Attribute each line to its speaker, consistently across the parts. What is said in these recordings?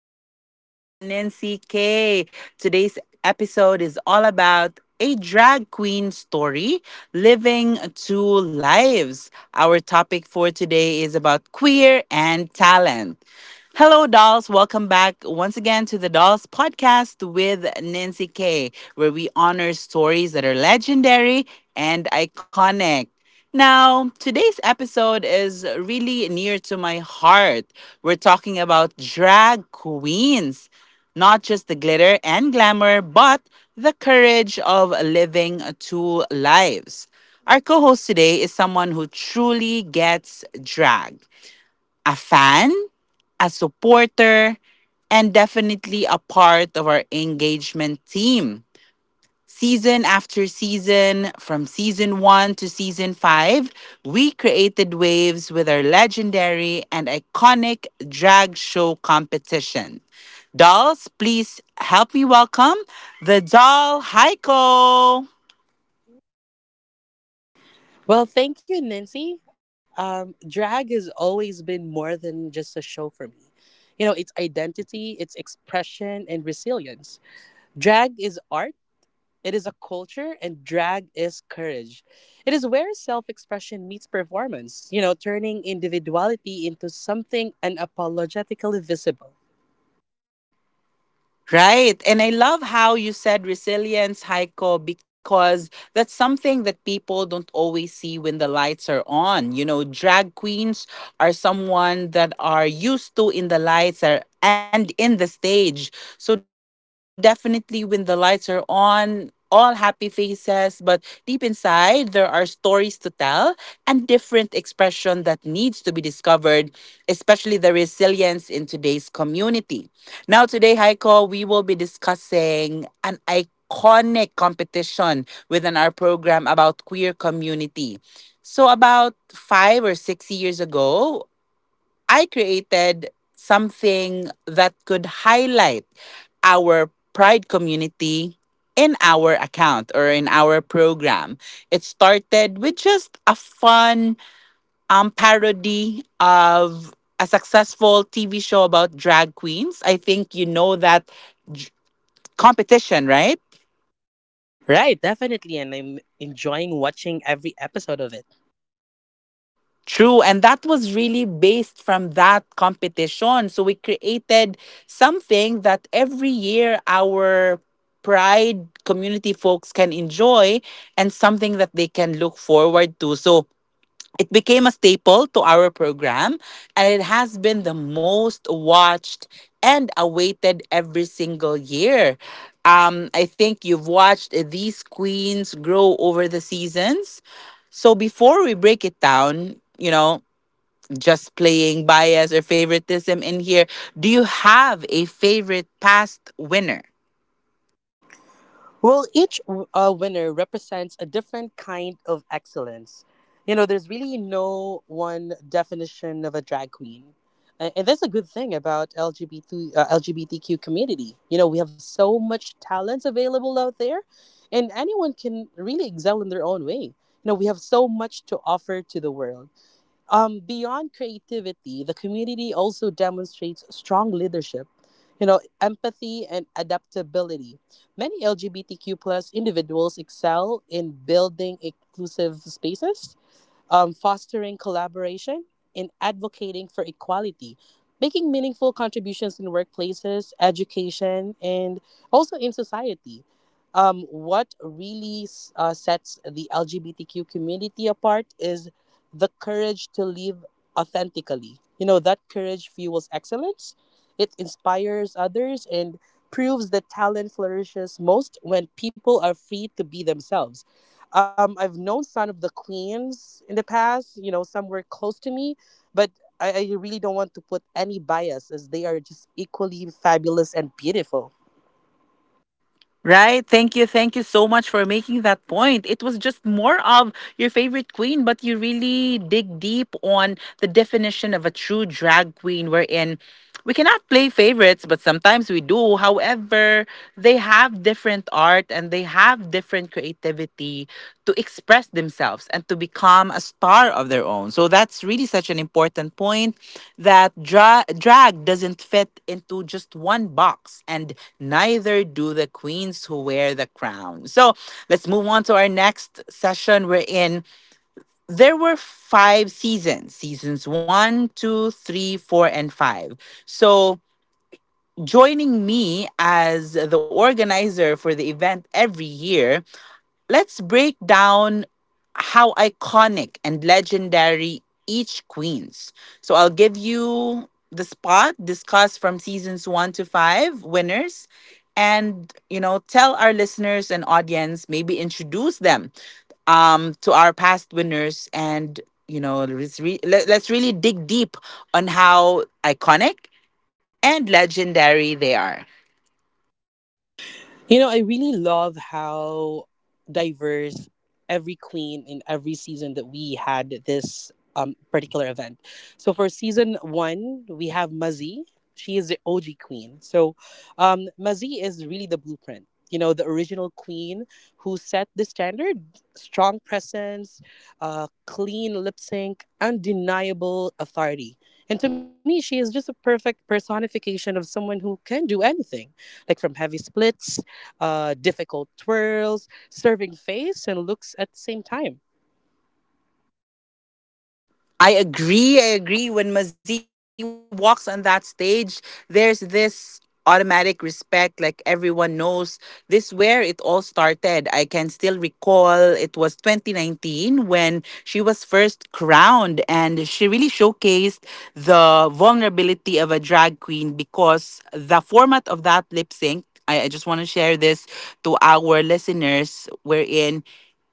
Speaker 1: Podcast with Nancy K. Today's episode is all about a drag queen story, living two lives. Our topic for today is about queer and talent. Hello, dolls. Welcome back once again to the Dolls Podcast with Nancy K, where we honor stories that are legendary and iconic. Now, today's episode is really near to my heart. We're talking about drag queens, not just the glitter and glamour, but the courage of living two lives. Our co host today is someone who truly gets drag a fan, a supporter, and definitely a part of our engagement team. Season after season, from season one to season five, we created waves with our legendary and iconic drag show competition. Dolls, please help me welcome the doll Heiko.
Speaker 2: Well, thank you, Nancy. Drag has always been more than just a show for me. You know, it's identity, it's expression, and resilience. Drag is art, it is a culture, and drag is courage. It is where self expression meets performance, you know, turning individuality into something unapologetically visible.
Speaker 1: Right. And I love how you said resilience, Heiko, because that's something that people don't always see when the lights are on. You know, drag queens are someone that are used to in the lights are, and in the stage. So definitely when the lights are on, all happy faces, but deep inside, there are stories to tell and different expression that needs to be discovered, especially the resilience in today's community. Now, today, Heiko, we will be discussing an iconic competition within our program about queer community. So, about 5 or 6 years ago, I created something that could highlight our pride community in our account or in our program. It started with just a fun parody of a successful TV show about drag queens. I think you know that j- competition, right?
Speaker 2: Right, definitely. And I'm enjoying watching every episode of it.
Speaker 1: True. And that was really based from that competition. So we created something that every year our pride community folks can enjoy and something that they can look forward to. So it became a staple to our program, and it has been the most watched and awaited every single year. I think you've watched these queens grow over the seasons. So before we break it down, you know, just playing bias or favoritism in here, do you have a favorite past winner?
Speaker 2: Well, each winner represents a different kind of excellence. You know, there's really no one definition of a drag queen. And that's a good thing about LGBTQ community. You know, we have so much talents available out there, and anyone can really excel in their own way. You know, we have so much to offer to the world, beyond creativity, the community also demonstrates strong leadership, you know, empathy and adaptability. Many LGBTQ plus individuals excel in building inclusive spaces, fostering collaboration, and advocating for equality, making meaningful contributions in workplaces, education, and also in society. What really sets the LGBTQ community apart is the courage to live authentically. You know, that courage fuels excellence, it inspires others, and proves that talent flourishes most when people are free to be themselves. I've known some of the Queens in the past, you know, somewhere close to me, but I really don't want to put any bias as they are just equally fabulous and beautiful.
Speaker 1: Right. Thank you. Thank you so much for making that point. It was just more of your favorite queen, but you really dig deep on the definition of a true drag queen, wherein we cannot play favorites, but sometimes we do. However, they have different art and they have different creativity to express themselves and to become a star of their own. So that's really such an important point that drag doesn't fit into just one box, and neither do the queens who wear the crown. So let's move on to our next session. We're in. There were five seasons seasons one, two, three, four, and five. So joining me as the organizer for the event every year, let's break down how iconic and legendary each queen's. So I'll give you the spot, discuss from seasons one to five winners, and you know, tell our listeners and audience, maybe introduce them to our past winners, and you know, let's really dig deep on how iconic and legendary they are.
Speaker 2: You know, I really love how diverse every queen in every season that we had this particular event. So for season one, we have Mazi. She is the OG queen. Mazi is really the blueprint. You know, the original queen who set the standard, strong presence, clean lip sync, undeniable authority. And to me, she is just a perfect personification of someone who can do anything, like from heavy splits, difficult twirls, serving face and looks at the same time.
Speaker 1: I agree. I agree. When Mazie walks on that stage, there's this automatic respect. Like everyone knows this where it all started. I can still recall it was 2019 when she was first crowned and she really showcased the vulnerability of a drag queen because the format of that lip sync I just want to share this to our listeners. Wherein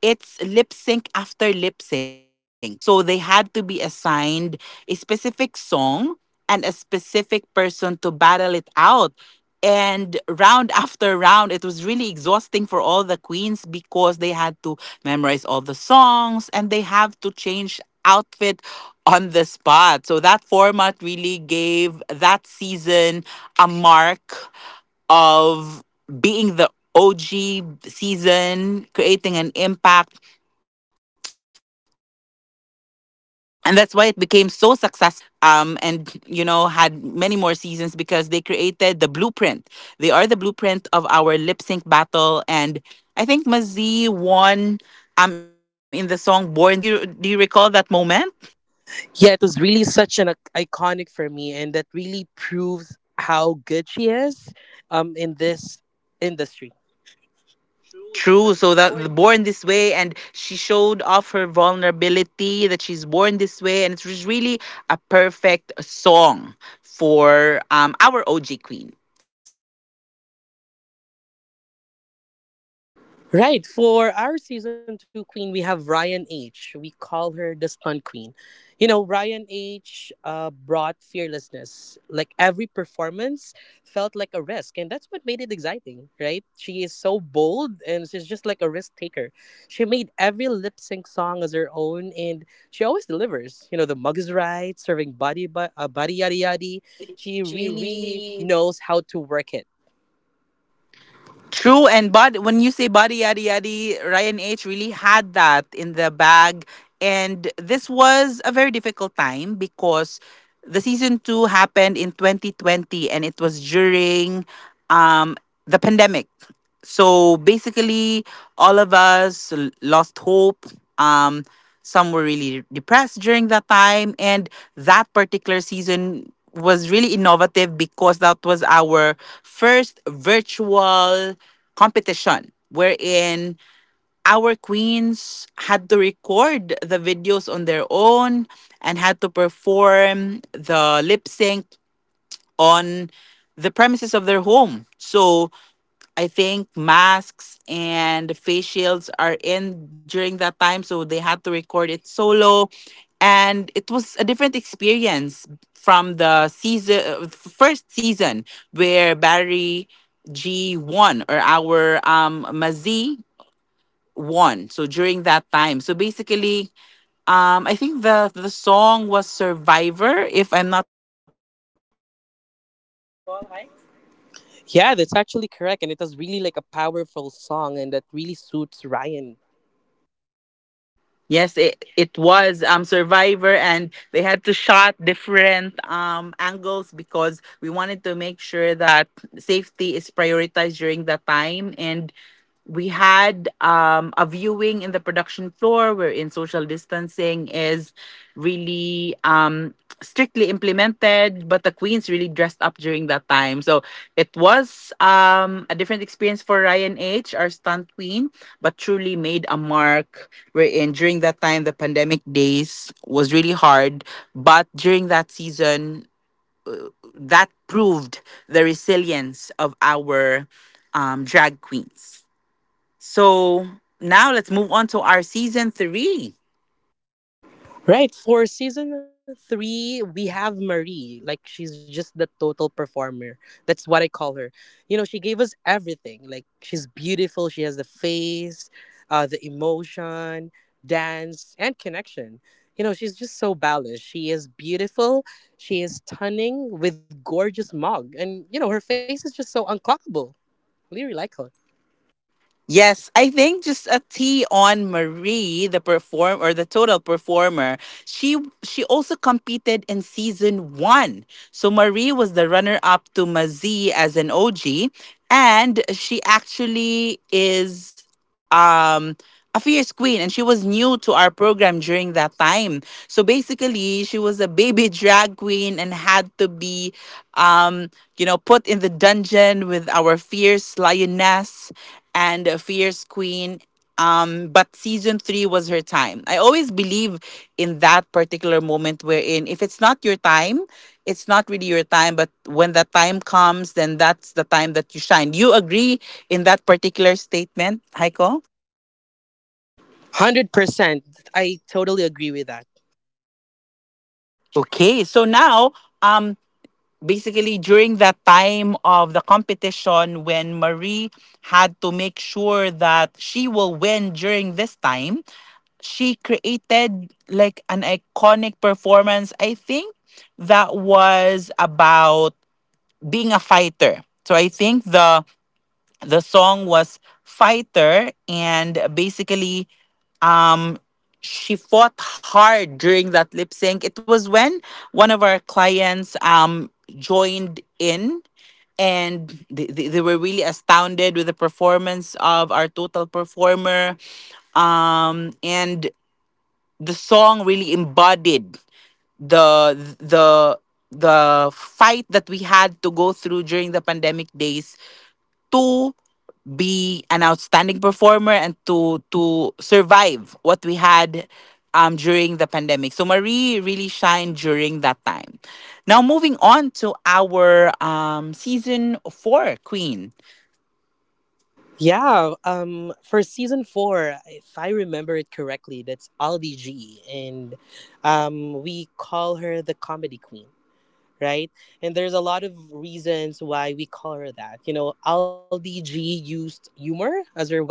Speaker 1: it's lip sync after lip sync. So they had to be assigned a specific song and a specific person to battle it out. And round after round, it was really exhausting for all the queens because they had to memorize all the songs and they have to change outfit on the spot. So that format really gave that season a mark of being the OG season, creating an impact. And that's why it became so successful. And you know had many more seasons because they created the blueprint. They are the blueprint of our lip sync battle, and I think Mazi won in the song "Born This Way." Do you recall that moment?
Speaker 2: Yeah, it was really such an iconic for me, and that really proves how good she is in this industry.
Speaker 1: True. So that the born this way, and she showed off her vulnerability that she's born this way, and it was really a perfect song for our OG Queen. So how about our season two Queen?
Speaker 2: Right. For our season two queen, we have Ryan H. We call her the Stunt Queen. You know, Ryan H brought fearlessness. Like every performance felt like a risk, and that's what made it exciting, right? She is so bold and she's just like a risk taker. She made every lip sync song as her own, and she always delivers. You know, the mug is right, serving body, body yada yada. She really knows how to work it.
Speaker 1: True, and body, when you say body yaddy yaddy, Ryan H really had that in the bag. And this was a very difficult time because the season two happened in 2020 and it was during um, the pandemic. So basically, all of us lost hope. Um, some were really depressed during that time. And that particular season was really innovative because that was our first virtual competition wherein our queens had to record the videos on their own and had to perform the lip sync on the premises of their home. So I think masks and face shields are in during that time, so they had to record it solo, and it was a different experience from the season first season where Barry G won or our Mazi won. So during that time, so basically, I think the song was Survivor, if I'm not mistaken. Is that correct? If you can recall, Hikes.
Speaker 2: Yeah, that's actually correct. And it was really like a powerful song and that really suits Ryan.
Speaker 1: Yes, it was Survivor and they had to shot different angles because we wanted to make sure that safety is prioritized during that time, and we had a viewing in the production floor wherein social distancing is really strictly implemented, but the queens really dressed up during that time. So it was a different experience for Ryan H., our stunt queen, but truly made a mark wherein during that time, the pandemic days was really hard. But during that season, that proved the resilience of our drag queens. So now let's move on to our season three.
Speaker 2: Right. For season three, we have Marie. Like she's just the total performer. That's what I call her. You know, she gave us everything. Like she's beautiful. She has the face, the emotion, dance, and connection. You know, she's just so balanced. She is beautiful. She is stunning with gorgeous mug. And you know, her face is just so unclockable. Really like her.
Speaker 1: Yes, I think just a tea on Marie, the perform or the total performer. She she also competed in season one. So Marie was the runner up to Mazie as an OG, and she actually is um a fierce queen, and she was new to our program during that time, so basically she was a baby drag queen and had to be, um you know, put in the dungeon with our fierce lioness and a fierce queen. But season three was her time. I always believe in that particular moment wherein if it's not your time, it's not really your time, but when the time comes, then that's the time that you shine. Do you agree in that particular statement, Heiko?
Speaker 2: 100%. I totally agree with that.
Speaker 1: Okay, so now, um basically during that time of the competition when Marie had to make sure that she will win during this time, she created like an iconic performance, I think, that was about being a fighter. So I think the song was Fighter, and basically um she fought hard during that lip sync. It was when one of our clients joined in, and they were really astounded with the performance of our total performer, and the song really embodied the the the fight that we had to go through during the pandemic days to be an outstanding performer and to survive what we had during the pandemic. So Marie really shined during that time. Now moving on to our season 4 queen.
Speaker 2: Yeah, for season 4, if I remember it correctly, that's Aldi G, and we call her the comedy queen, right? And there's a lot of reasons why we call her that. You know, Aldi G used humor as her weapon,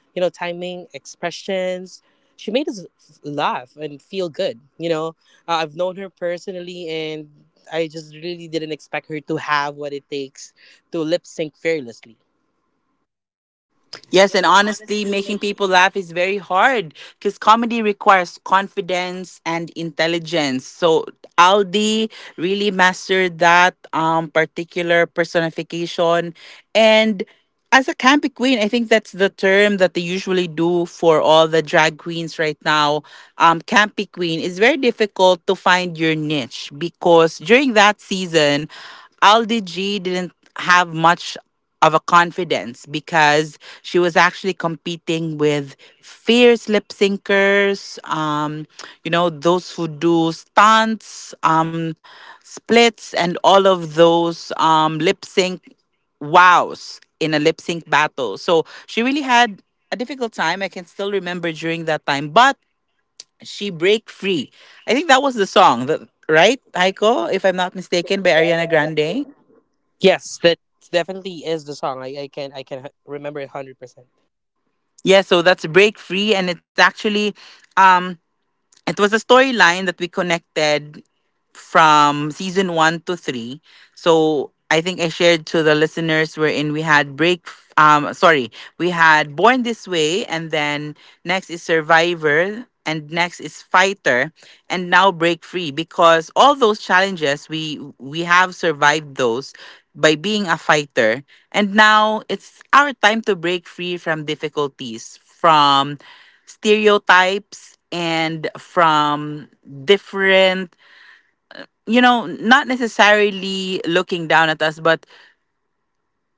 Speaker 2: you know, timing, expressions. She made us laugh and feel good. You know, I've known her personally, and I just really didn't expect her to have what it takes to lip sync fearlessly.
Speaker 1: Yes, and honestly, making people laugh is very hard because comedy requires confidence and intelligence. So Aldi really mastered that particular personification. And as a campy queen, I think that's the term that they usually do for all the drag queens right now. Campy queen is very difficult to find your niche because during that season, Aldi G didn't have much of a confidence because she was actually competing with fierce lip syncers, you know, those who do stunts, splits, and all of those lip sync wows in a lip sync battle. So she really had a difficult time. I can still remember during that time, but she break free. I think that was the song, that, right, Heiko? If I'm not mistaken, by Ariana Grande.
Speaker 2: Yes, that definitely is the song. I can remember it 100%.
Speaker 1: Yeah, so that's Break Free, and it's actually, um it was a storyline that we connected from season one to three. So I think I shared to the listeners wherein we had break. Sorry, we had Born This Way, and then next is Survivor, and next is Fighter, and now Break Free. Because all those challenges, we have survived those by being a fighter, and now it's our time to break free from difficulties, from stereotypes, and from different, you know, not necessarily looking down at us, but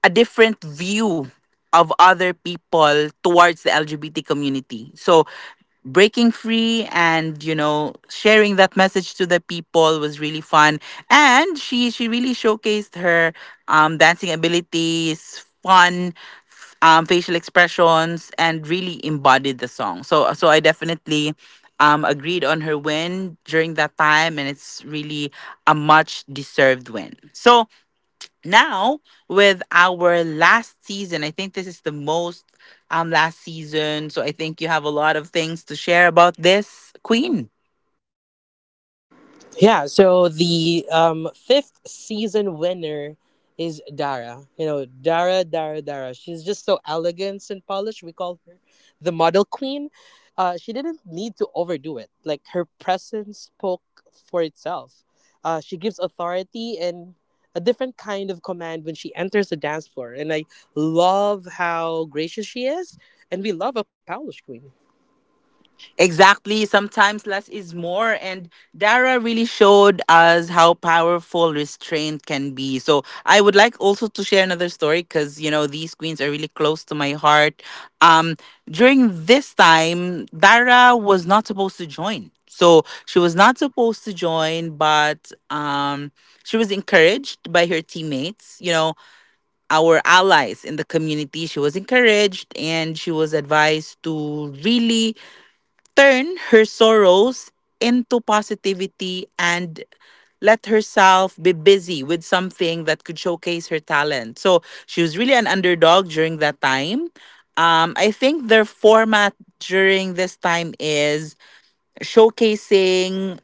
Speaker 1: a different view of other people towards the LGBT community. So breaking free and sharing that message to the people was really fun, and she really showcased her dancing abilities, fun facial expressions, and really embodied the song. So I definitely agreed on her win during that time, and it's really a much deserved win. So now, with our last season, I think this is the most last season, so I think you have a lot of things to share about this queen.
Speaker 2: Yeah, so the fifth season winner is Dara. You know, Dara, Dara, Dara. She's just so elegant and polished. We call her the model queen. She didn't need to overdo it. Like, her presence spoke for itself. She gives authority and a different kind of command when she enters the dance floor. And I love how gracious she is. And we love a polished queen.
Speaker 1: Exactly. Sometimes less is more. And Dara really showed us how powerful restraint can be. So I would like also to share another story because, you know, these queens are really close to my heart. Um, During this time, Dara was not supposed to join. So she was not supposed to join, but she was encouraged by her teammates, you know, our allies in the community. She was encouraged and she was advised to really turn her sorrows into positivity and let herself be busy with something that could showcase her talent. So she was really an underdog during that time. I think their format during this time is showcasing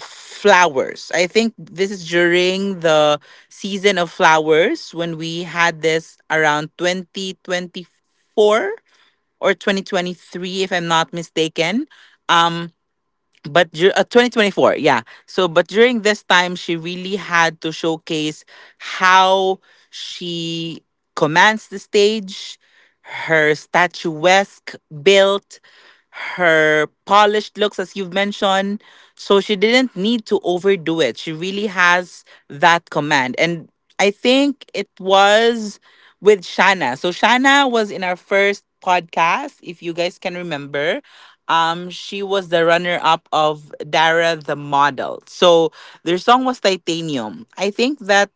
Speaker 1: flowers. I think this is during the season of flowers when we had this around 2024 or 2023, if I'm not mistaken, but 2024, yeah. So but during this time she really had to showcase how she commands the stage, her statuesque built, her polished looks, as you've mentioned. So she didn't need to overdo it, she really has that command. And I think it was with Shana. So Shana was in our first podcast, if you guys can remember. She was the runner up of Dara the Model. So their song was Titanium. I think that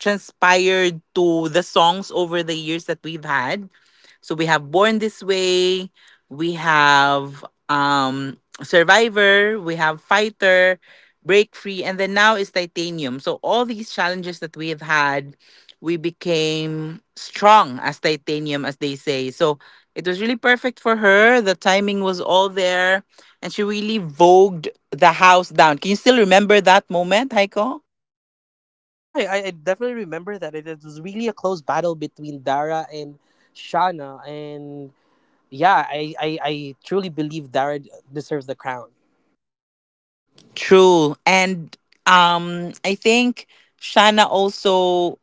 Speaker 1: transpired to the songs over the years that we've had. So we have Born This Way, we have Survivor, we have Fighter, Break Free, and then now is Titanium. So all these challenges that we have had, we became strong as titanium, as they say. So it was really perfect for her. The timing was all there. And she really vogued the house down. Can you still remember that moment, Heiko?
Speaker 2: Yeah, I definitely remember that. It was really a close battle between Dara and Shana, and yeah, I truly believe Dara deserves the crown.
Speaker 1: True. And I think Shana also,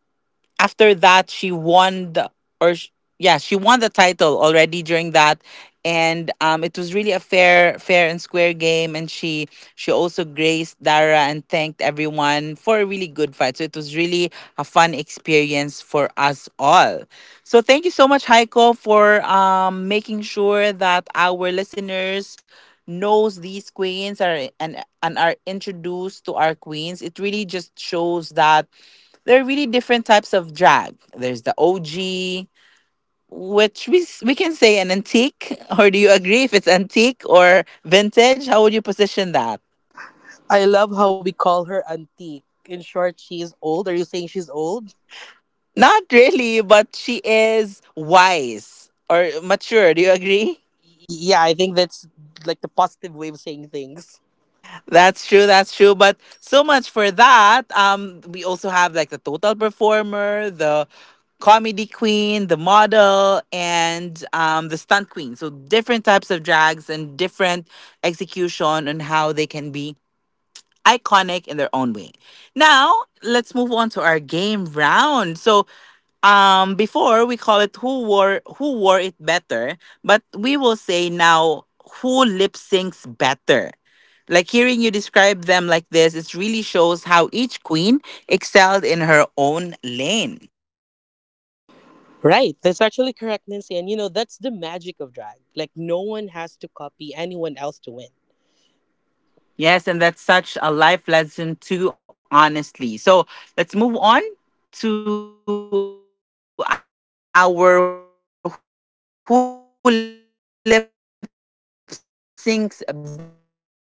Speaker 1: after that, she won the, or sh- yeah, she won the title already during that. And it was really a fair and square game, and she also graced Dara and thanked everyone for a really good fight. So it was really a fun experience for us all. So thank you so much, Heiko, for making sure that our listeners knows these queens are, and are introduced to our queens. It really just shows that there are really different types of drag. There's the OG, which we we can say an antique, or do you agree if it's antique or vintage? How would you position that?
Speaker 2: I love how we call her antique. In short, she is old. Are you saying she's old?
Speaker 1: Not really, but she is wise or mature. Do you agree?
Speaker 2: Yeah, I think that's like the positive way of saying things.
Speaker 1: That's true. That's true. But so much for that. We also have like the total performer, the comedy queen, the model, and the stunt queen. So different types of drags and different execution on how they can be iconic in their own way. Now, let's move on to our game round. So, before we call it who wore it better, but we will say now who lip syncs better. Like hearing you describe them like this, it really shows how each queen excelled in her own lane.
Speaker 2: Right, that's actually correct, Nancy. And you know, that's the magic of drag. Like, no one has to copy anyone else to win.
Speaker 1: Yes, and that's such a life lesson too, honestly. So let's move on to our who lip syncs better.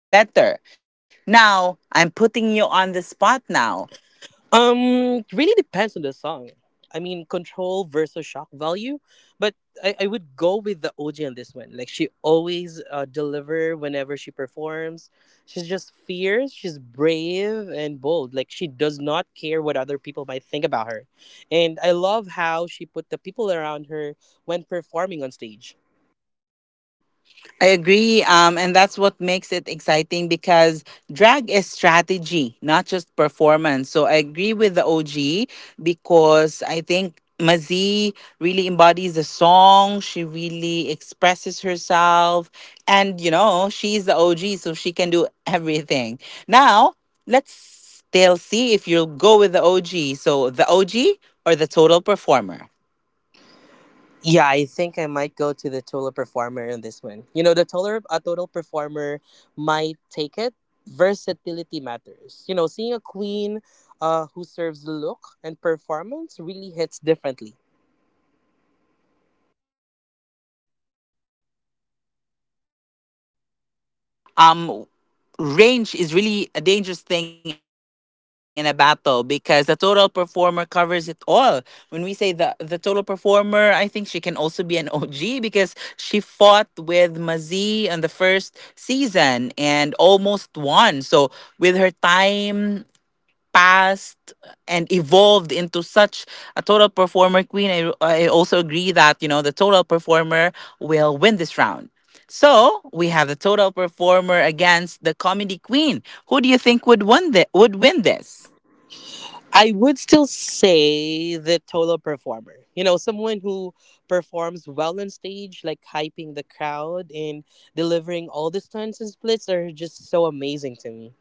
Speaker 1: Now, I'm putting you on the spot now. Let's start
Speaker 2: Um,
Speaker 1: with the
Speaker 2: it really
Speaker 1: OG
Speaker 2: depends on
Speaker 1: versus
Speaker 2: the
Speaker 1: the
Speaker 2: song.
Speaker 1: stunt queen. Who do
Speaker 2: I
Speaker 1: you
Speaker 2: mean,
Speaker 1: think will win
Speaker 2: control
Speaker 1: that lip
Speaker 2: versus
Speaker 1: sync
Speaker 2: shock
Speaker 1: round?
Speaker 2: value, but I would go with the OG on this one. Like she always deliver whenever she performs. She's just fierce. She's brave and bold. Like she does not care what other people might think about her, and I love how she put the people around her when performing on stage.
Speaker 1: I agree. And that's what makes it exciting because drag is strategy, not just performance. So I agree with the OG because I think Mazie really embodies the song. She really expresses herself. And, you know, she's the OG, so she can do everything. Now, let's still see if you'll go with the OG. So the OG or the total performer?
Speaker 2: Yeah, I think I might go to the total performer in this one. You know, the total a total performer might take it. Versatility matters. You know, seeing a queen who serves look and performance really hits differently.
Speaker 1: That is true. That is true, and that's also something that um range is really a dangerous thing in a battle because the total performer covers it all. When we say the total performer, I think she can also be an OG because she fought with Mazie on the first season and almost won. So with her time past and evolved into such a total performer queen, I also agree that, you know, the total performer will win this round. So we have the total performer against the comedy queen. Who do you think would win would win this?
Speaker 2: I would still say the total performer. You know, someone who performs well on stage, like hyping the crowd and delivering all the stunts and splits are just so amazing to me.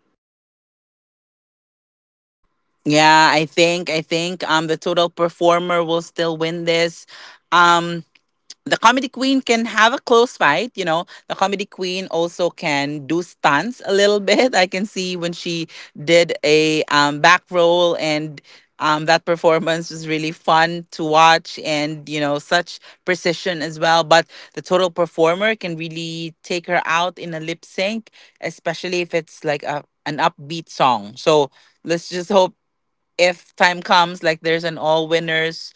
Speaker 1: Yeah, I think the total performer will still win this. Um, the comedy queen can have a close fight. You know, the comedy queen also can do stunts a little bit. I can see when she did a back roll, and that performance was really fun to watch, and you know such precision as well. But the total performer can really take her out in a lip sync, especially if it's like an upbeat song. So let's just hope, if time comes like there's an all winners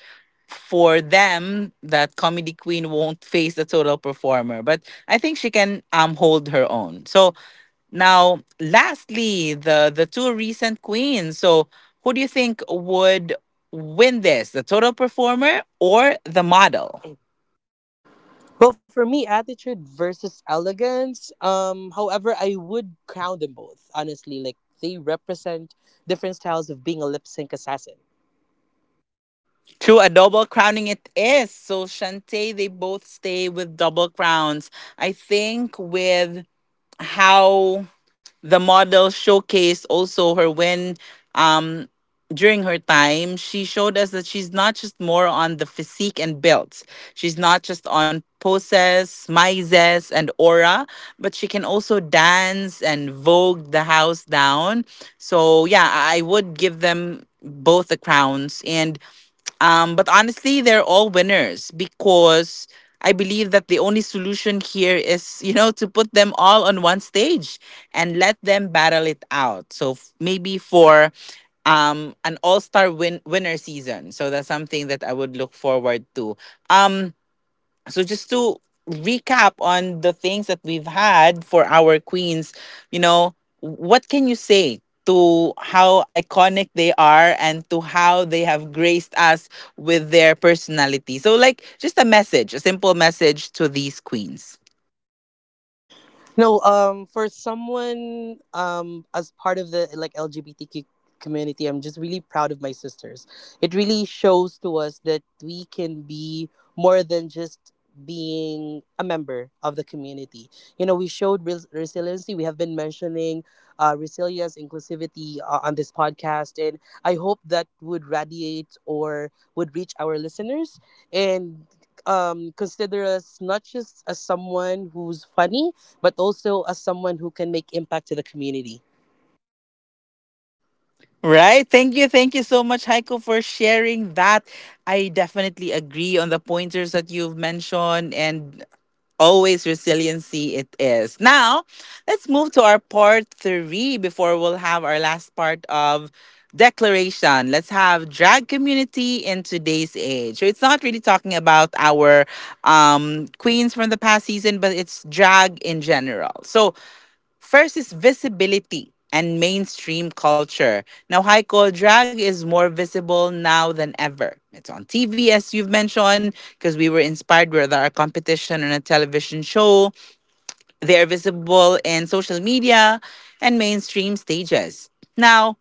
Speaker 1: for them, that comedy queen won't face the total performer. But I think she can hold her own. So now lastly, the two recent queens. So who do you think would win this, the total performer or the model?
Speaker 2: Well, for me, attitude versus elegance. However, I would crown them both. Honestly, like they represent different styles of being a lip sync assassin.
Speaker 1: True, a double crowning it is. So Shantae, they both stay with double crowns. I think with how the model showcased also her when, um during her time, she showed us that she's not just more on the physique and built, she's not just on poses, mises, and aura, but she can also dance and vogue the house down. So yeah, I would give them both the crowns. And but honestly, they're all winners, because I believe that the only solution here is, you know, to put them all on one stage and let them battle it out. So maybe for an winner season. So that's something that I would look forward to. Um so just to recap on the things that we've had for our queens, you know, what can you say to how iconic they are and to how they have graced us with their personality? So like just a message, a simple message to these queens.
Speaker 2: No, For someone, as part of the like LGBTQ community, I'm just really proud of my sisters. It really shows to us that we can be more than just being a member of the community. You know, we showed resiliency. We have been mentioning resilience, inclusivity on this podcast, and I hope that would radiate or would reach our listeners and, consider us not just as someone who's funny but also as someone who can make impact to the community.
Speaker 1: Right. Thank you. Thank you so much, Heiko, for sharing that. I definitely agree on the pointers that you've mentioned, and always resiliency it is. Now, let's move to our part three before we'll have our last part of declaration. Let's have drag community in today's age. So it's not really talking about our queens from the past season, but it's drag in general. So first is visibility and mainstream culture. Now, Heiko, drag is more visible now than ever. It's on TV, as you've mentioned, because we were inspired with our competition on a television show. They are visible in social media and mainstream stages. Now,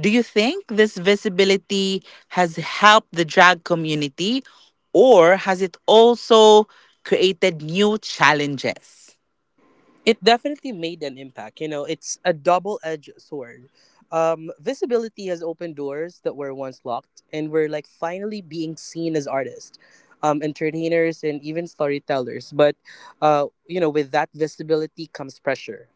Speaker 1: do you think this visibility has helped the drag community, or has it also created new challenges?
Speaker 2: It definitely made an impact. You know, it's a double edged sword. Visibility has opened doors that were once locked, and we're like finally being seen as artists, entertainers, and even storytellers. But, you know, with that visibility comes pressure,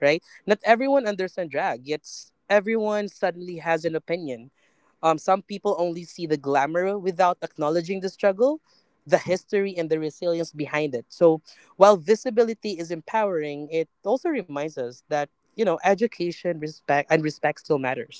Speaker 2: right? Not everyone understands drag, yet everyone suddenly has an opinion. Some people only see the glamour without acknowledging the struggle, the history, and the resilience behind it. So, while visibility is empowering, it also reminds us that, you know, education, respect, and respect still matters.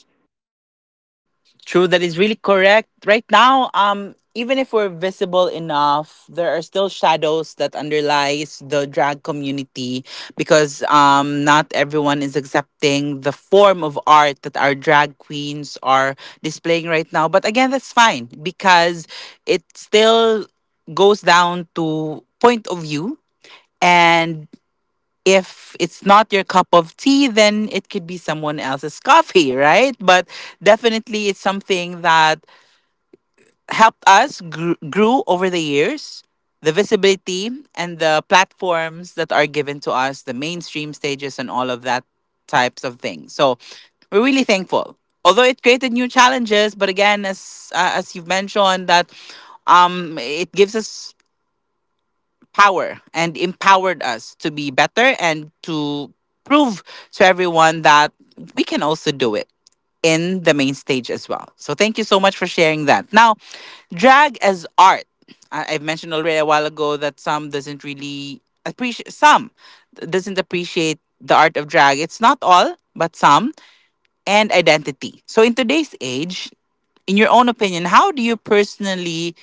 Speaker 1: True, that is really correct. Right now, even if we're visible enough, there are still shadows that underlies the drag community because not everyone is accepting the form of art that our drag queens are displaying right now. But again, that's fine because it still goes down to point of view. And if it's not your cup of tea, then it could be someone else's coffee, right? But definitely, it's something that helped us grew over the years. The visibility and the platforms that are given to us, the mainstream stages, and all of that types of things. So we're really thankful. Although it created new challenges, but again, as you've mentioned, that it gives us power and empowered us to be better and to prove to everyone that we can also do it in the main stage as well. So thank you so much for sharing that. Now, drag as art. I've mentioned already a while ago that some doesn't really appreciate some doesn't appreciate the art of drag. It's not all, but some, and identity. So in today's age, in your own opinion, how do you personally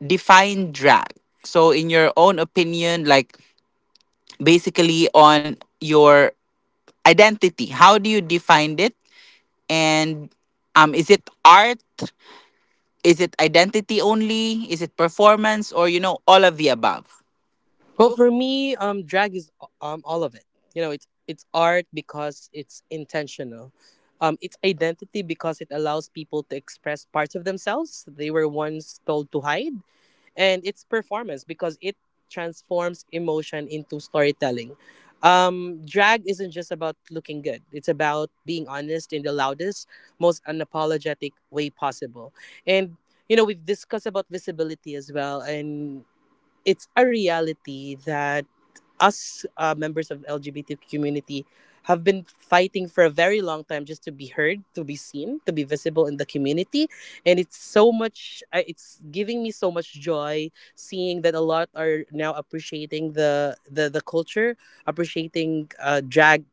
Speaker 1: define drag? So in your own opinion, like basically on your identity, how do you define it? And is it art? Is it identity only? Is it performance? Or, you know, all of the above?
Speaker 2: Well, for me, drag is all of it. You know, it's art because it's intentional. It's identity because it allows people to express parts of themselves they were once told to hide, and it's performance because it transforms emotion into storytelling. Drag isn't just about looking good; it's about being honest in the loudest, most unapologetic way possible. And you know, we've discussed about visibility as well, and it's a reality that us, members of LGBT community have been fighting for a very long time just to be heard, to be seen, to be visible in the community, and it's so much. It's giving me so much joy seeing that a lot are now appreciating the culture, appreciating drag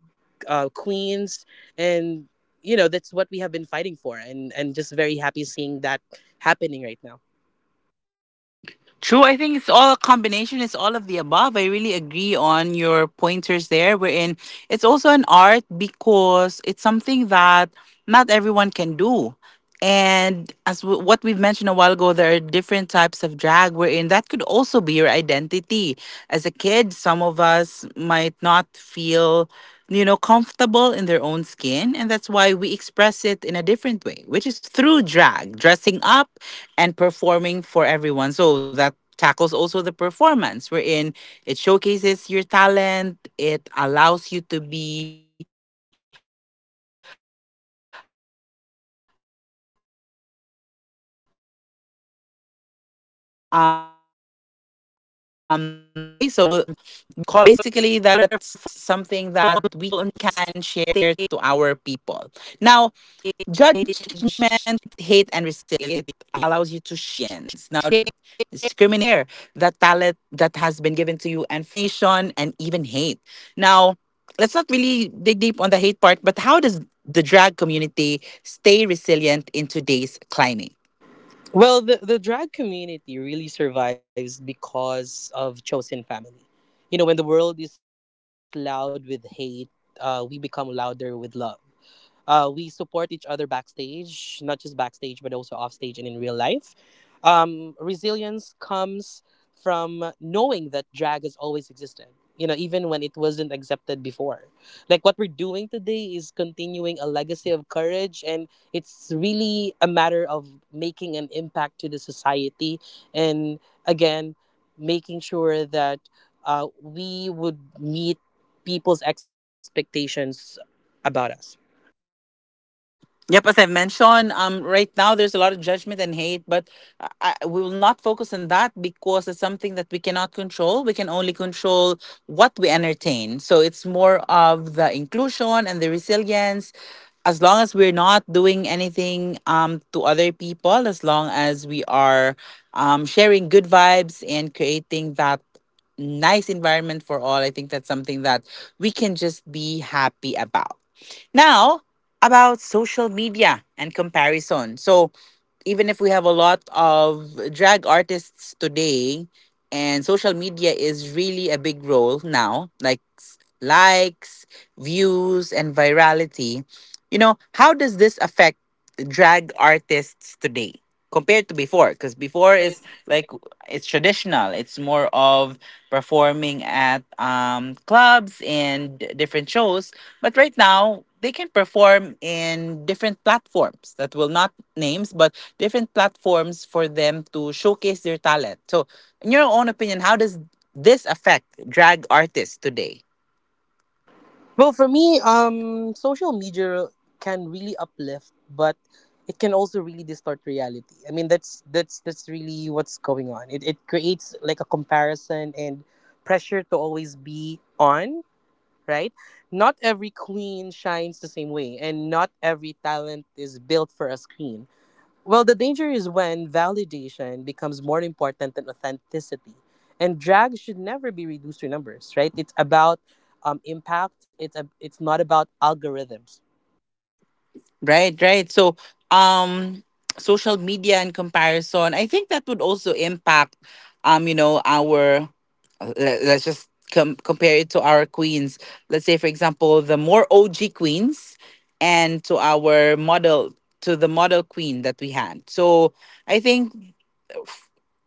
Speaker 2: queens, and you know that's what we have been fighting for, and just very happy seeing that happening right now.
Speaker 1: True. I think it's all a combination. It's all of the above. I really agree on your pointers there. Wherein it's also an art because it's something that not everyone can do. And as what we've mentioned a while ago, there are different types of drag. Wherein that could also be your identity as a kid, some of us might not feel, you know, comfortable in their own skin. And that's why we express it in a different way, which is through drag, dressing up and performing for everyone. So that tackles also the performance wherein it showcases your talent, it allows you to be colorful on stage. It allows you to share that talent that has been given to you and for all the things that matters the most. Okay, so basically that's something that we can share to our people now. Judgment, hate, and resilience. Now, despite progress, drag performers still face judgment, discrimination, and even hate. Now, let's not really dig deep on the hate part, but how does the drag community stay resilient in today's climate?
Speaker 2: Well, the drag community really survives because of chosen family. You know, when the world is loud with hate, we become louder with love. We support each other backstage, not just backstage, but also offstage and in real life. Resilience comes from knowing that drag has always existed, you know, even when it wasn't accepted before. Like what we're doing today is continuing a legacy of courage, and it's really a matter of making an impact to the society. And again, making sure that we would meet people's expectations about us.
Speaker 1: Yep, as I've mentioned, right now there's a lot of judgment and hate, but I, we will not focus on that because it's something that we cannot control. We can only control what we entertain. So it's more of the inclusion and the resilience. As long as we're not doing anything to other people, as long as we are sharing good vibes and creating that nice environment for all, I think that's something that we can just be happy about. Now, about social media and comparison. So even if we have a lot of drag artists today, and social media is really a big role now, like likes, views and virality, you know, how does this affect drag artists today compared to before? Because
Speaker 2: Or
Speaker 1: before
Speaker 2: is
Speaker 1: is like, it's traditional, it's more of performing at clubs and different shows, but right now they can perform in different platforms that will not names, but different platforms for them to showcase their talent. So, in your own opinion, how does this affect drag artists today?
Speaker 2: Well, for me, social media can really uplift, but it can also really distort reality. I mean, that's really what's going on. It creates like a comparison and pressure to always be on. Right, not every queen shines the same way, and not every talent is built for a screen. Well, the danger is when validation becomes more important than authenticity. And drag should never be reduced to numbers, right? It's about impact. It's not about algorithms.
Speaker 1: Right, right. So, um, social media in comparison, I think that would also impact, you know, our. Let's just compare it to our queens. Let's say, for example, the more OG queens, and to our model, to the model queen that we had. So, I think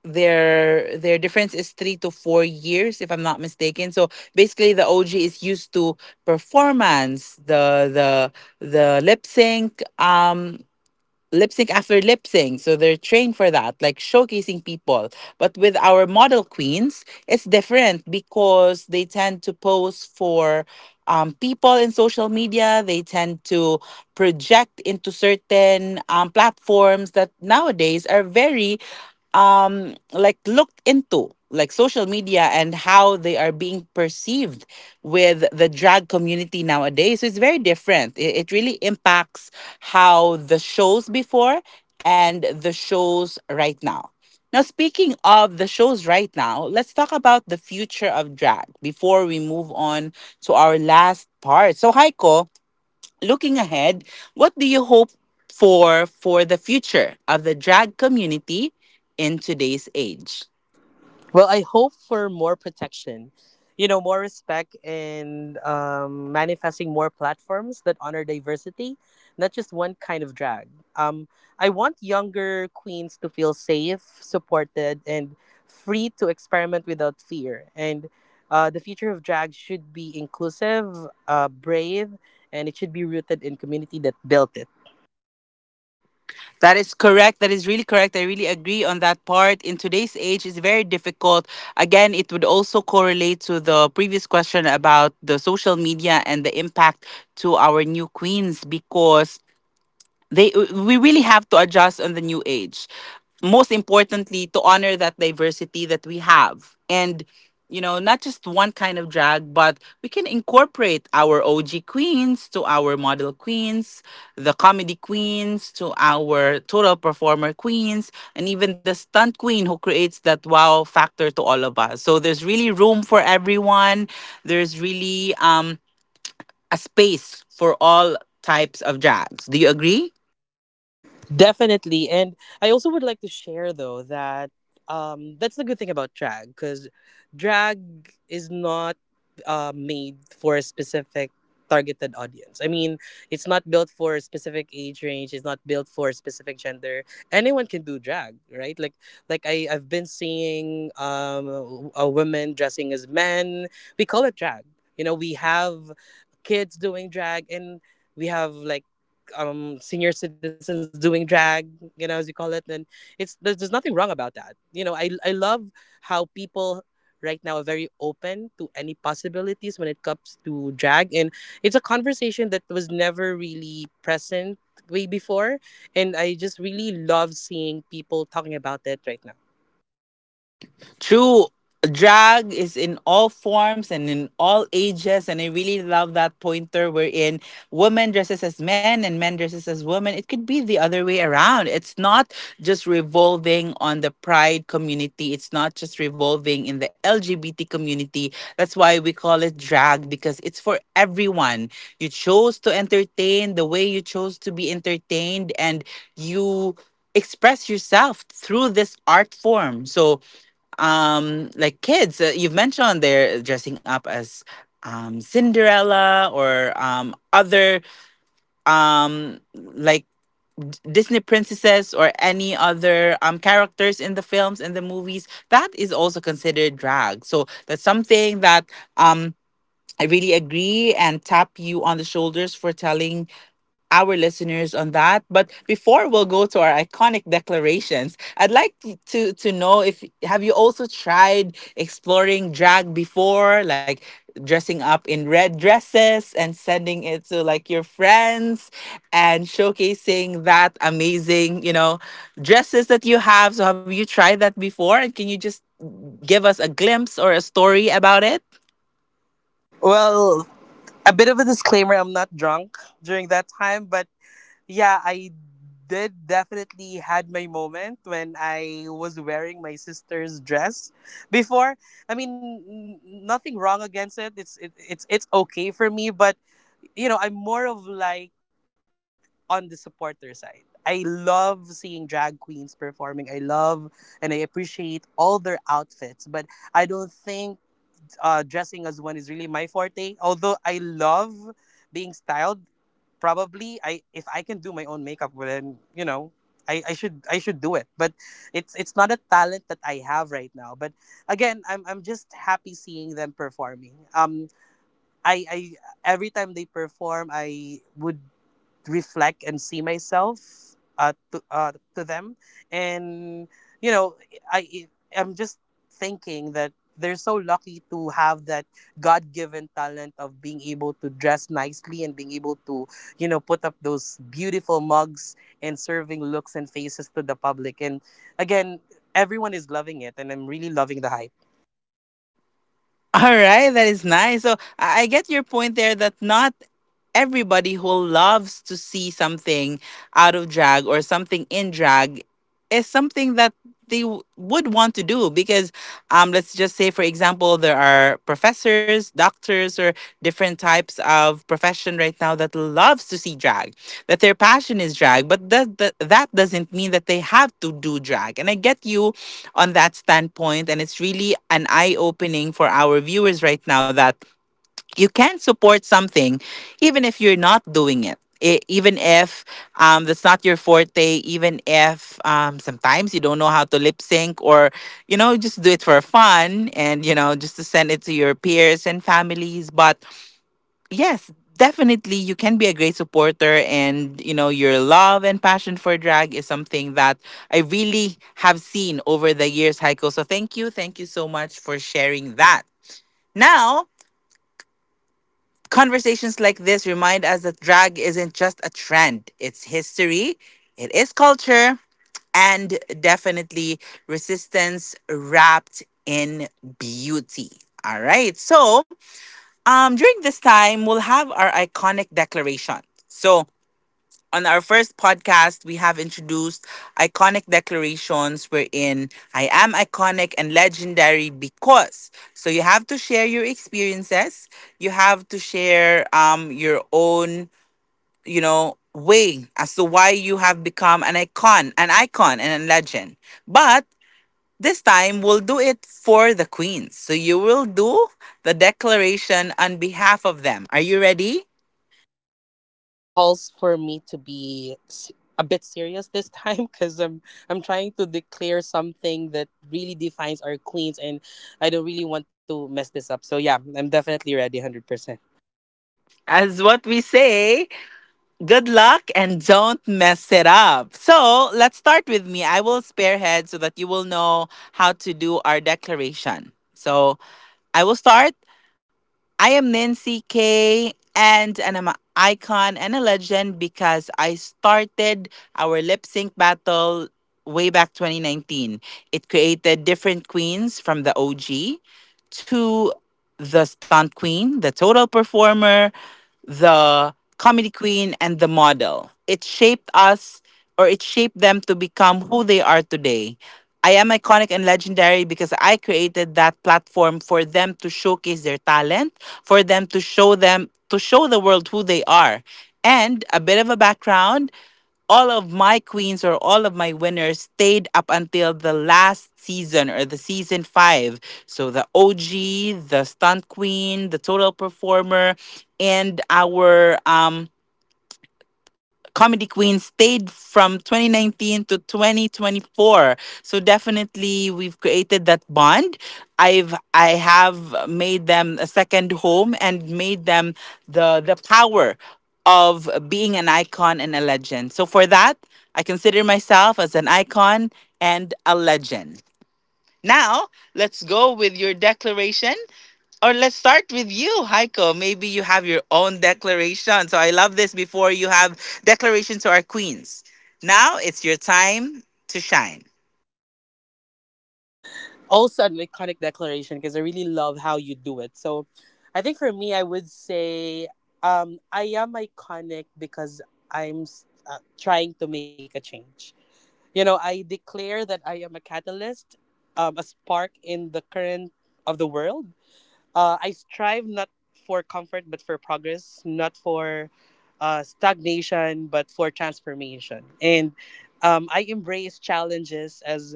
Speaker 1: their difference is 3 to 4 years, if I'm not mistaken. So basically the OG is used to performance, the lip sync, lip sync after lip sync, so they're trained for that, like showcasing people. But with our model queens it's different, because they tend to pose for people in social media. They tend to project into certain platforms that nowadays are very like looked into, like social media, and how they are being perceived with the drag community nowadays. So it's very different, it really impacts how the shows before and the shows right now. Now, speaking of the shows right now, let's talk about the future of drag before we move on to our last part. So, Heiko, looking ahead, what do you hope for the future of the drag community in today's age?
Speaker 2: Well, I hope for more protection, you know, more respect and, manifesting more platforms that honor diversity, not just one kind of drag. Um, I want younger queens to feel safe, supported, and free to experiment without fear. And the future of drag should be inclusive, brave, and it should be rooted in community that built it.
Speaker 1: That is correct. That is really correct. I really agree on that part. In today's age, it's very difficult. Again, it would also correlate to the previous question about the social media and the impact to our new queens, because they we really have to adjust on the new age, most importantly to honor that diversity that we have. And you know, not just one kind of drag, but we can incorporate our OG queens to our model queens, the comedy queens to our total performer queens, and even the stunt queen who creates that wow factor to all of us. So there's really room for everyone. There's really, um, a space for all types of drags. Do you agree?
Speaker 2: Definitely. And I also would like to share though that that's the good thing about drag because drag is not made for a specific targeted audience. I mean, it's not built for a specific age range, it's not built for a specific gender. Anyone can do drag, right? Like I I've been seeing a women dressing as men. We call it drag. You know, we have kids doing drag and we have like senior citizens doing drag, you know, as you call it. Then it's there's nothing wrong about that. I love how people right now are very open to any possibilities when it comes to drag, and it's a conversation that was never really present way before, and I just really love seeing people talking about it right now.
Speaker 1: True, drag is in all forms and in all ages, and I really love that pointer wherein women dresses as men and men dresses as women. It could be the other way around. It's not just revolving on the pride community. It's not just revolving in the LGBT community. That's why we call it drag, because it's for everyone. You chose to entertain the way you chose to be entertained, and you express yourself through this art form. So like kids, you've mentioned they're dressing up as Cinderella or other like Disney princesses or any other characters in the films and the movies, that is also considered drag. So that's something that, um, I really agree and tap you on the shoulders for telling our listeners on that. But before we'll go to our iconic declarations, I'd like to know if have you also tried exploring drag before, like dressing up in red dresses and sending it to like your friends and showcasing that amazing, you know, dresses that you have. So have you tried that before, and can you just give us a glimpse or a story about it?
Speaker 2: Well, a bit of a disclaimer, I'm not drunk during that time, but yeah, I did definitely had my moment when I was wearing my sister's dress before. I mean, nothing wrong against it. It's okay for me, but you know, I'm more of like on the supporter side. I love seeing drag queens performing. I love and I appreciate all their outfits, but I don't think dressing as one is really my forte. Although I love being styled, probably I if I can do my own makeup, well, then you know I should do it. But it's not a talent that I have right now. But again, I'm just happy seeing them performing. I Every time they perform, I would reflect and see myself to them, and you know, i I'm just thinking that they're so lucky to have that god-given talent of being able to dress nicely and being able to, you know, put up those beautiful mugs and serving looks and faces to the public. And again, everyone is loving it, and I'm really loving the hype.
Speaker 1: All right, that is nice. So I get your point there, that not everybody who loves to see something out of drag or something in drag is something that they would want to do. Because let's just say, for example, there are professors, doctors, or different types of profession right now that loves to see drag, that their passion is drag, but that doesn't mean that they have to do drag. And I get you on that standpoint, and it's really an eye opening for our viewers right now, that you can support something even if you're not doing it. Even if, that's not your forte, even if, sometimes you don't know how to lip sync, or you know, just do it for fun, and you know, just to send it to your peers and families. But yes, definitely you can be a great supporter, and you know, your love and passion for drag is something that I really have seen over the years, Heiko. So thank you, thank you so much for sharing that. Now, conversations like this remind us that drag isn't just a trend, it's history, it is culture, and definitely resistance wrapped in beauty. All right. So, during this time, we'll have our iconic declaration. So, on our first podcast, we have introduced iconic declarations wherein, I am iconic and legendary because. So you have to share your experiences. You have to share your own, you know, way as to why you have become an icon and a legend. But this time we'll do it for the queens. So you will do the declaration on behalf of them. Are you ready?
Speaker 2: Yeah, I think this calls for me to be a bit serious this time because I'm trying to declare something that really defines our queens, and I don't really want to mess this up. So yeah, I'm definitely ready, 100%.
Speaker 1: As what we say, good luck and don't mess it up. So let's start with me. I will spearhead so that you will know how to do our declaration. So I will start. I am Nancy K, and I'm an icon and a legend because I started our lip sync battle way back 2019. It created different queens, from the OG to the stunt queen, the total performer, the comedy queen, and the model. It shaped us, or it shaped them to become who they are today. I am iconic and legendary because I created that platform for them to showcase their talent, for them to show the world who they are. And a bit of a background, all of my queens, or all of my winners, stayed up until the last season, or the season 5. So the OG, the stunt queen, the total performer, and our Comedy Queen stayed from 2019 to 2024. So definitely we've created that bond. I have made them a second home, and made them the power of being an icon and a legend. So for that, I consider myself as an icon and a legend. Now, let's go with your declaration, or let's start with you, Heiko. Maybe you have your own declaration. So I love this before, you have declaration to our queens. Now it's your time to shine.
Speaker 2: Yeah, I want to make also an iconic declaration because I really love how you do it. So I think for me, I would say I am iconic because I'm trying to make a change. You know, I declare that I am a catalyst, a spark in the current of the world. I strive not for comfort, but for progress, not for stagnation, but for transformation. And I embrace challenges as,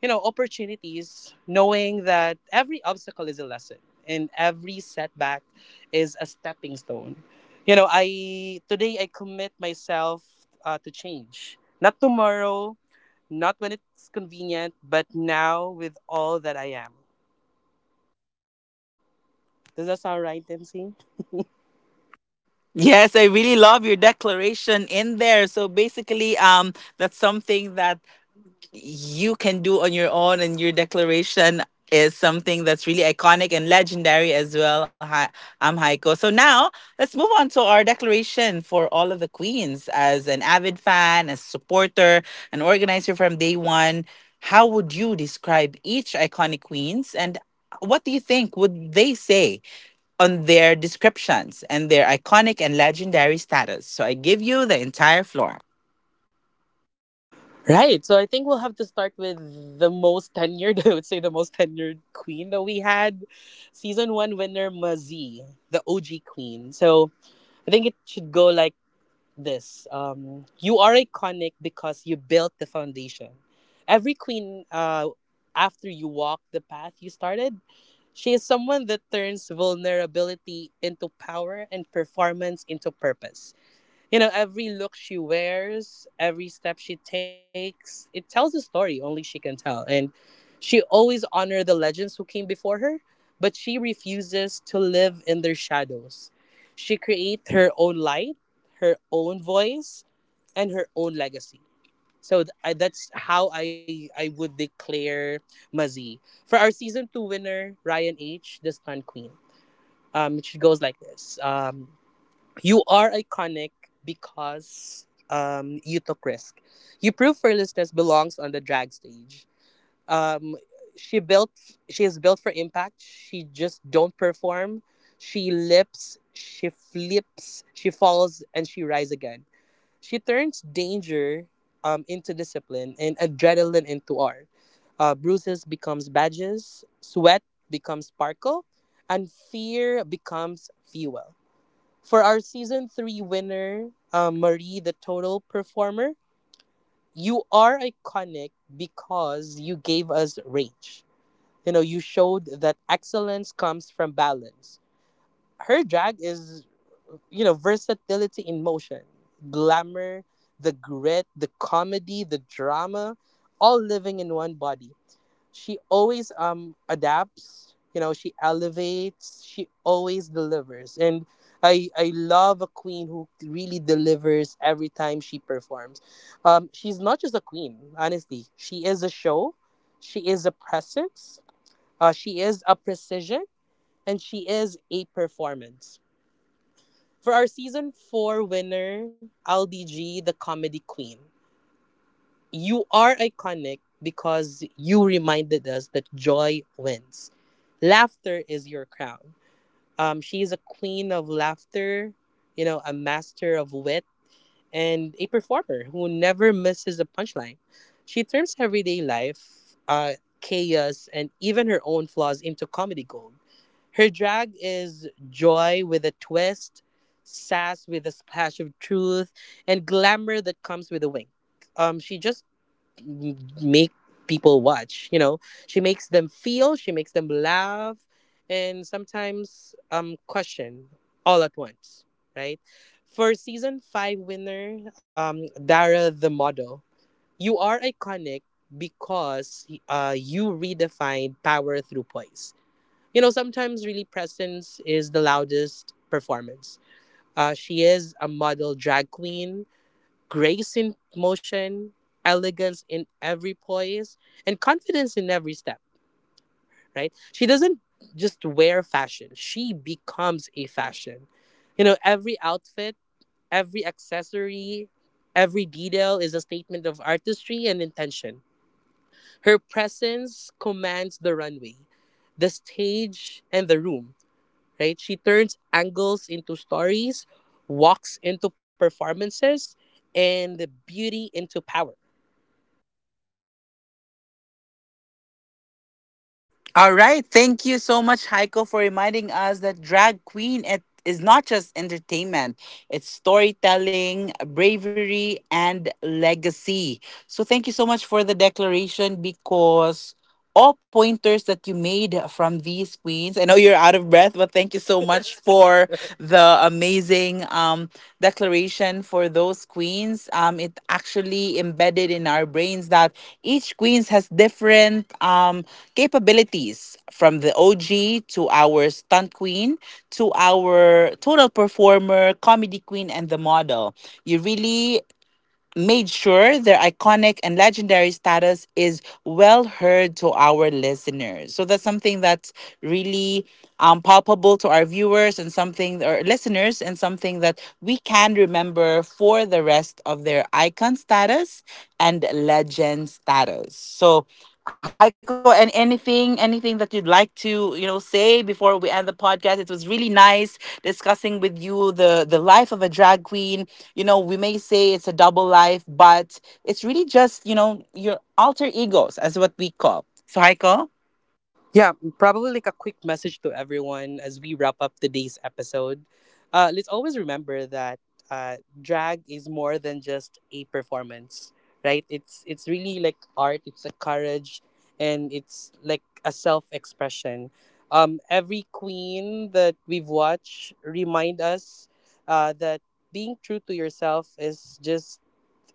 Speaker 2: you know, opportunities, knowing that every obstacle is a lesson and every setback is a stepping stone. You know, I today I commit myself to change. Not tomorrow, not when it's convenient, but now with all that I am. Does that sound right, Nancy?
Speaker 1: Yes, I really love your declaration in there. So basically, that's something that you can do on your own, and your declaration is something that's really iconic and legendary as well. Hi, I'm Heiko. So now let's move on to our declaration for all of the queens. As an avid fan, as supporter, an organizer from day one, how would you describe each iconic queens, and what do you think would they say on their descriptions and their iconic and legendary status? So I give you the entire floor.
Speaker 2: Right. So I think we'll have to start with the most tenured, I would say the most tenured queen that we had. Season one winner, Mazie, the OG queen. So I think it should go like this. You are iconic because you built the foundation. Every queen, after you walk the path you started, she is someone that turns vulnerability into power and performance into purpose. You know, every look she wears, every step she takes, it tells a story only she can tell. And she always honors the legends who came before her, but she refuses to live in their shadows. She creates her own light, her own voice, and her own legacy. So that's how I would declare Mazie. For our season two winner, Ryan H., the Stunt Queen, she goes like this. You are iconic because you took risk. You prove fearlessness belongs on the drag stage. Um, she built. She is built for impact. She just don't perform. She lips. She flips. She falls and she rise again. She turns danger into discipline and adrenaline into art. Bruises becomes badges. Sweat becomes sparkle, and fear becomes fuel for our season three winner, Marie, the total performer. You are iconic because you gave us rage. You know, you showed that excellence comes from balance. Her drag is, you know, versatility in motion, glamour, the grit, the comedy, the drama, all living in one body. She always adapts, you know, she elevates, she always delivers. And I love a queen who really delivers every time she performs. She's not just a queen, honestly, she is a show, she is a presence, she is a precision, and she is a performance. For our season 4 winner Aldi G, the comedy queen, you are iconic because you reminded us that joy wins. Laughter is your crown. She is a queen of laughter, you know, a master of wit, and a performer who never misses a punchline. She turns everyday life, chaos, and even her own flaws into comedy gold. Her drag is joy with a twist, sass with a splash of truth, and glamour that comes with a wink. She just make people watch, you know, she makes them feel, she makes them laugh, and sometimes question all at once, right? For season 5 winner, Dara, the model, you are iconic because you redefined power through poise. You know, sometimes really presence is the loudest performance. She is a model drag queen, grace in motion, elegance in every poise, and confidence in every step, right? She doesn't just wear fashion, she becomes a fashion. You know, every outfit, every accessory, every detail is a statement of artistry and intention. Her presence commands the runway, the stage, and the room, right? She turns angles into stories, walks into performances, and the beauty into power.
Speaker 1: All right. Thank you so much, Heiko, for reminding us that drag queen, it is not just entertainment, it's storytelling, bravery, and legacy. So thank you so much for the declaration, because all pointers that you made from these queens. I know you're out of breath, but thank you so much for the amazing declaration for those queens. It actually embedded in our brains that each queens has different capabilities from the OG to our stunt queen to our total performer, comedy queen, and the model. You really made sure their iconic and legendary status is well heard to our listeners. So that's something that's really palpable to our viewers and something, or listeners, and something that we can remember for the rest of their icon status and legend status. So Heiko, anything that you'd like to say before we end the podcast. It was really nice discussing with you the life of a drag queen. You know, we may say it's a double life, but it's really just, you know, your alter egos, as what we call. So, Heiko,
Speaker 2: Yeah, probably like a quick message to everyone as we wrap up today's episode. Let's always remember that drag is more than just a performance, right? It's really like art. It's a courage, and it's like a self expression. Every queen that we've watched remind us that being true to yourself is just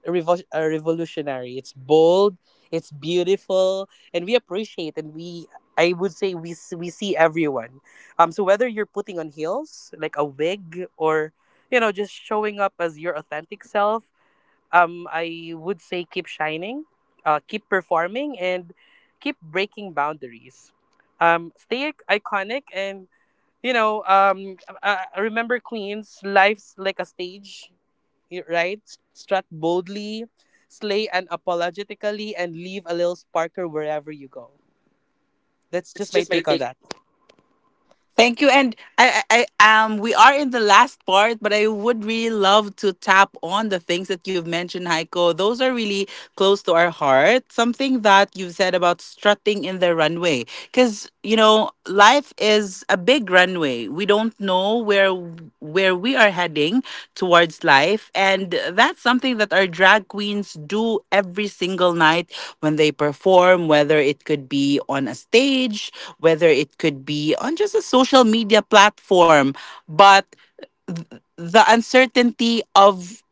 Speaker 2: revolutionary. It's bold, it's beautiful, and we appreciate and we I would say we see everyone. So whether you're putting on heels like a wig or you know just showing up as your authentic self, I would say keep shining, keep performing and keep breaking boundaries. Stay iconic, and you know, I remember Queen's life's like a stage, right? Strut boldly, slay unapologetically, and leave a little sparkler wherever you go. That's just
Speaker 1: that's
Speaker 2: my
Speaker 1: just my
Speaker 2: take on
Speaker 1: take.
Speaker 2: that.
Speaker 1: Thank you. And we are in the last part, but I would really love to tap on the things that you've mentioned, Heiko. Those are really close to our heart. Something that you've said about strutting in the runway. Because, you know, life is a big runway. We don't know where we are heading towards life. And that's something that our drag queens do every single night when they perform, whether it could be on a stage, whether it could be on just a social media platform, but th- the uncertainty of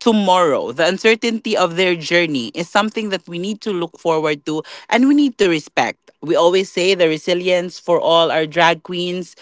Speaker 1: tomorrow, the uncertainty of their journey is something that we need to look forward to and we need to respect. We always say the resilience for all our drag queens.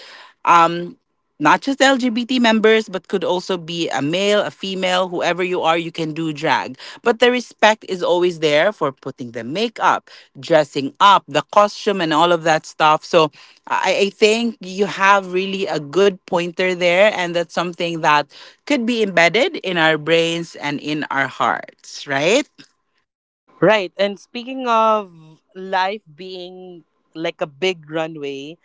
Speaker 1: um Not just LGBT members, but could also be a male, a female, whoever you are, you can do drag. But the respect is always there for putting the makeup, dressing up, the costume, and all of that stuff. So I think you have really a good pointer there, and that's something that could be embedded in our brains and in our hearts, right?
Speaker 2: Right. And speaking of life being like a big runway,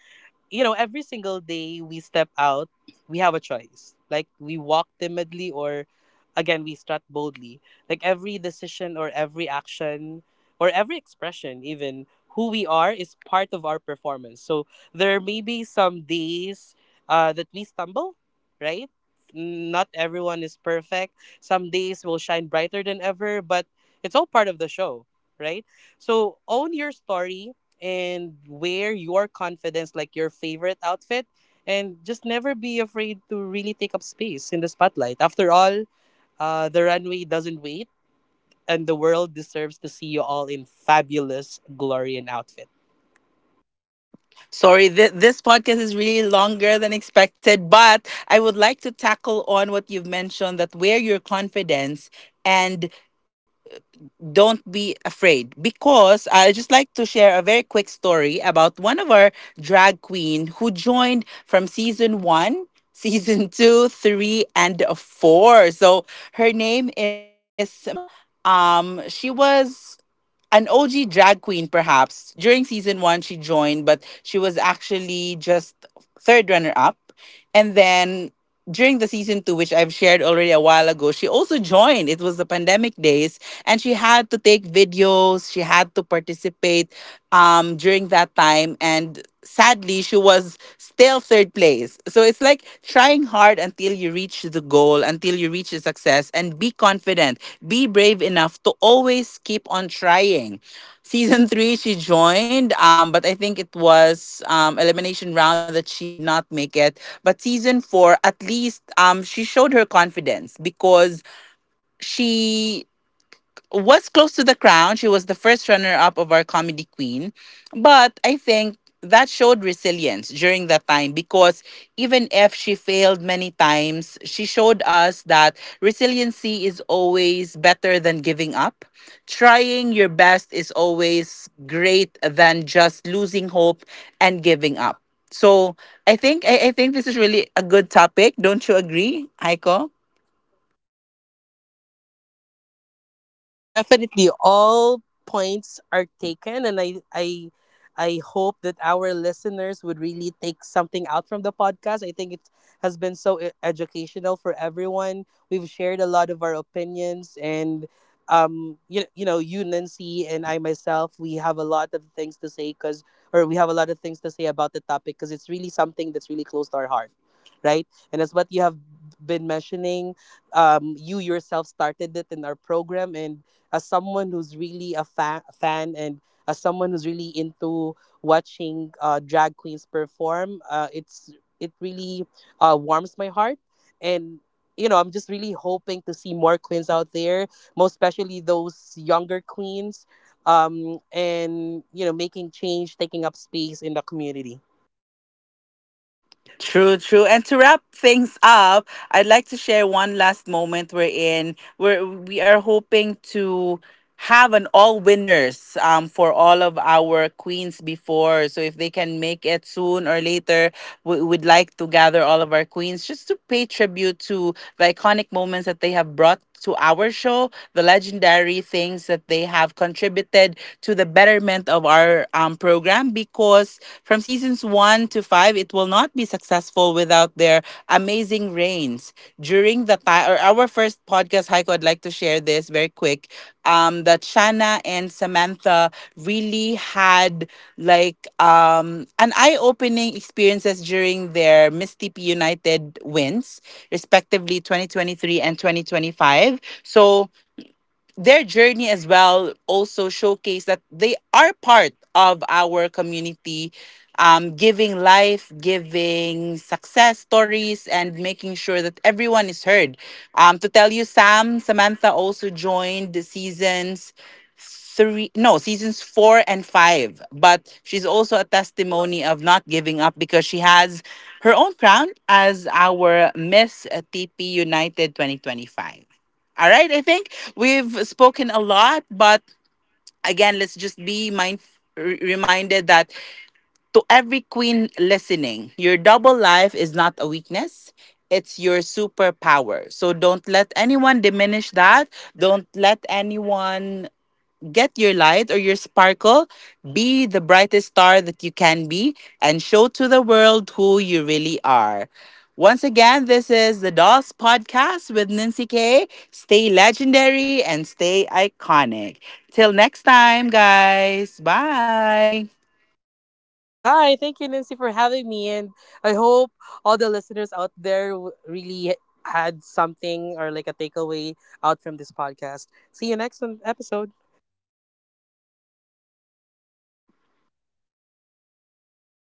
Speaker 2: you know, every single day we step out, we have a choice. Like we walk timidly or again we strut boldly. Like every decision or every action or every expression even who we are is part of our performance. So there may be some days that we stumble, right? Not everyone is perfect. Some days will shine brighter than ever, but it's all part of the show, right? So own your story and wear your confidence like your favorite outfit and just never be afraid to really take up space in the spotlight. After all, the runway doesn't wait and the world deserves to see you all in fabulous glory and outfit.
Speaker 1: Sorry, this podcast is really longer than expected, but I would like to tackle on what you've mentioned that where your confidence and don't be afraid, because I just like to share a very quick story about one of our drag queen who joined from season 1, season 2, 3 and 4. So her name is Mel. She was an OG drag queen, perhaps. During season 1, she joined, but she was actually just third runner up. And then during the season 2, which I've shared already a while ago, she also joined. It was the pandemic days, and she had to take videos, she had to participate during that time, and sadly she was still third place. So it's like trying hard until you reach the goal, until you reach the success, and be confident, be brave enough to always keep on trying. Season three she joined, but I think it was elimination round that she did not make it. But season 4, at least, she showed her confidence because she was close to the crown. She was the first runner up of our comedy queen. But I think that showed resilience during that time because even if she failed many times, she showed us that resiliency is always better than giving up. Trying your best is always great than just losing hope and giving up. So I think this is really a good topic. Don't you agree, Aiko?
Speaker 2: Definitely, all points are taken, and I hope that our listeners would really take something out from the podcast. I think it has been so educational for everyone. We've shared a lot of our opinions, and you know, you Nancy and I myself, we have a lot of things to say because, or we have a lot of things to say about the topic because it's really something that's really close to our heart, right? And as what you have been mentioning, you yourself started it in our program, and as someone who's really a fan, and as someone who's really into watching drag queens perform, it's it really warms my heart. And you know, I'm just really hoping to see more queens out there, most especially those younger queens, and you know, making change, taking up space in the community.
Speaker 1: True, true. And to wrap things up, I'd like to share one last moment we're in where we are hoping to have an all winners for all of our queens before. So if they can make it soon or later, we would like to gather all of our queens just to pay tribute to the iconic moments that they have brought to our show, the legendary things that they have contributed to the betterment of our program. Because from seasons 1 to 5, it will not be successful without their amazing reigns. During the time, or our first podcast, Heiko, I'd like to share this very quick. That Shanna and Samantha really had like um an eye-opening experiences during their Miss TP United wins, respectively 2023 and 2025. So their journey as well also showcase that they are part of our community, giving life, giving success stories, and making sure that everyone is heard. To tell you, Samantha also joined the seasons 3, no, seasons 4 and 5, but she's also a testimony of not giving up because she has her own crown as our Miss TP United 2025. All right, I think we've spoken a lot, but again, let's just be reminded that to every queen listening, your double life is not a weakness, it's your superpower. So don't let anyone diminish that, don't let anyone get your light or your sparkle. Be the brightest star that you can be and show to the world who you really are. Once again, this is the Dolls Podcast with Nancy K. Stay legendary and stay iconic. Till next time, guys. Bye.
Speaker 2: Bye. Thank you, Nancy, for having me. And I hope all the listeners out there really had something or like a takeaway out from this podcast. See you next episode.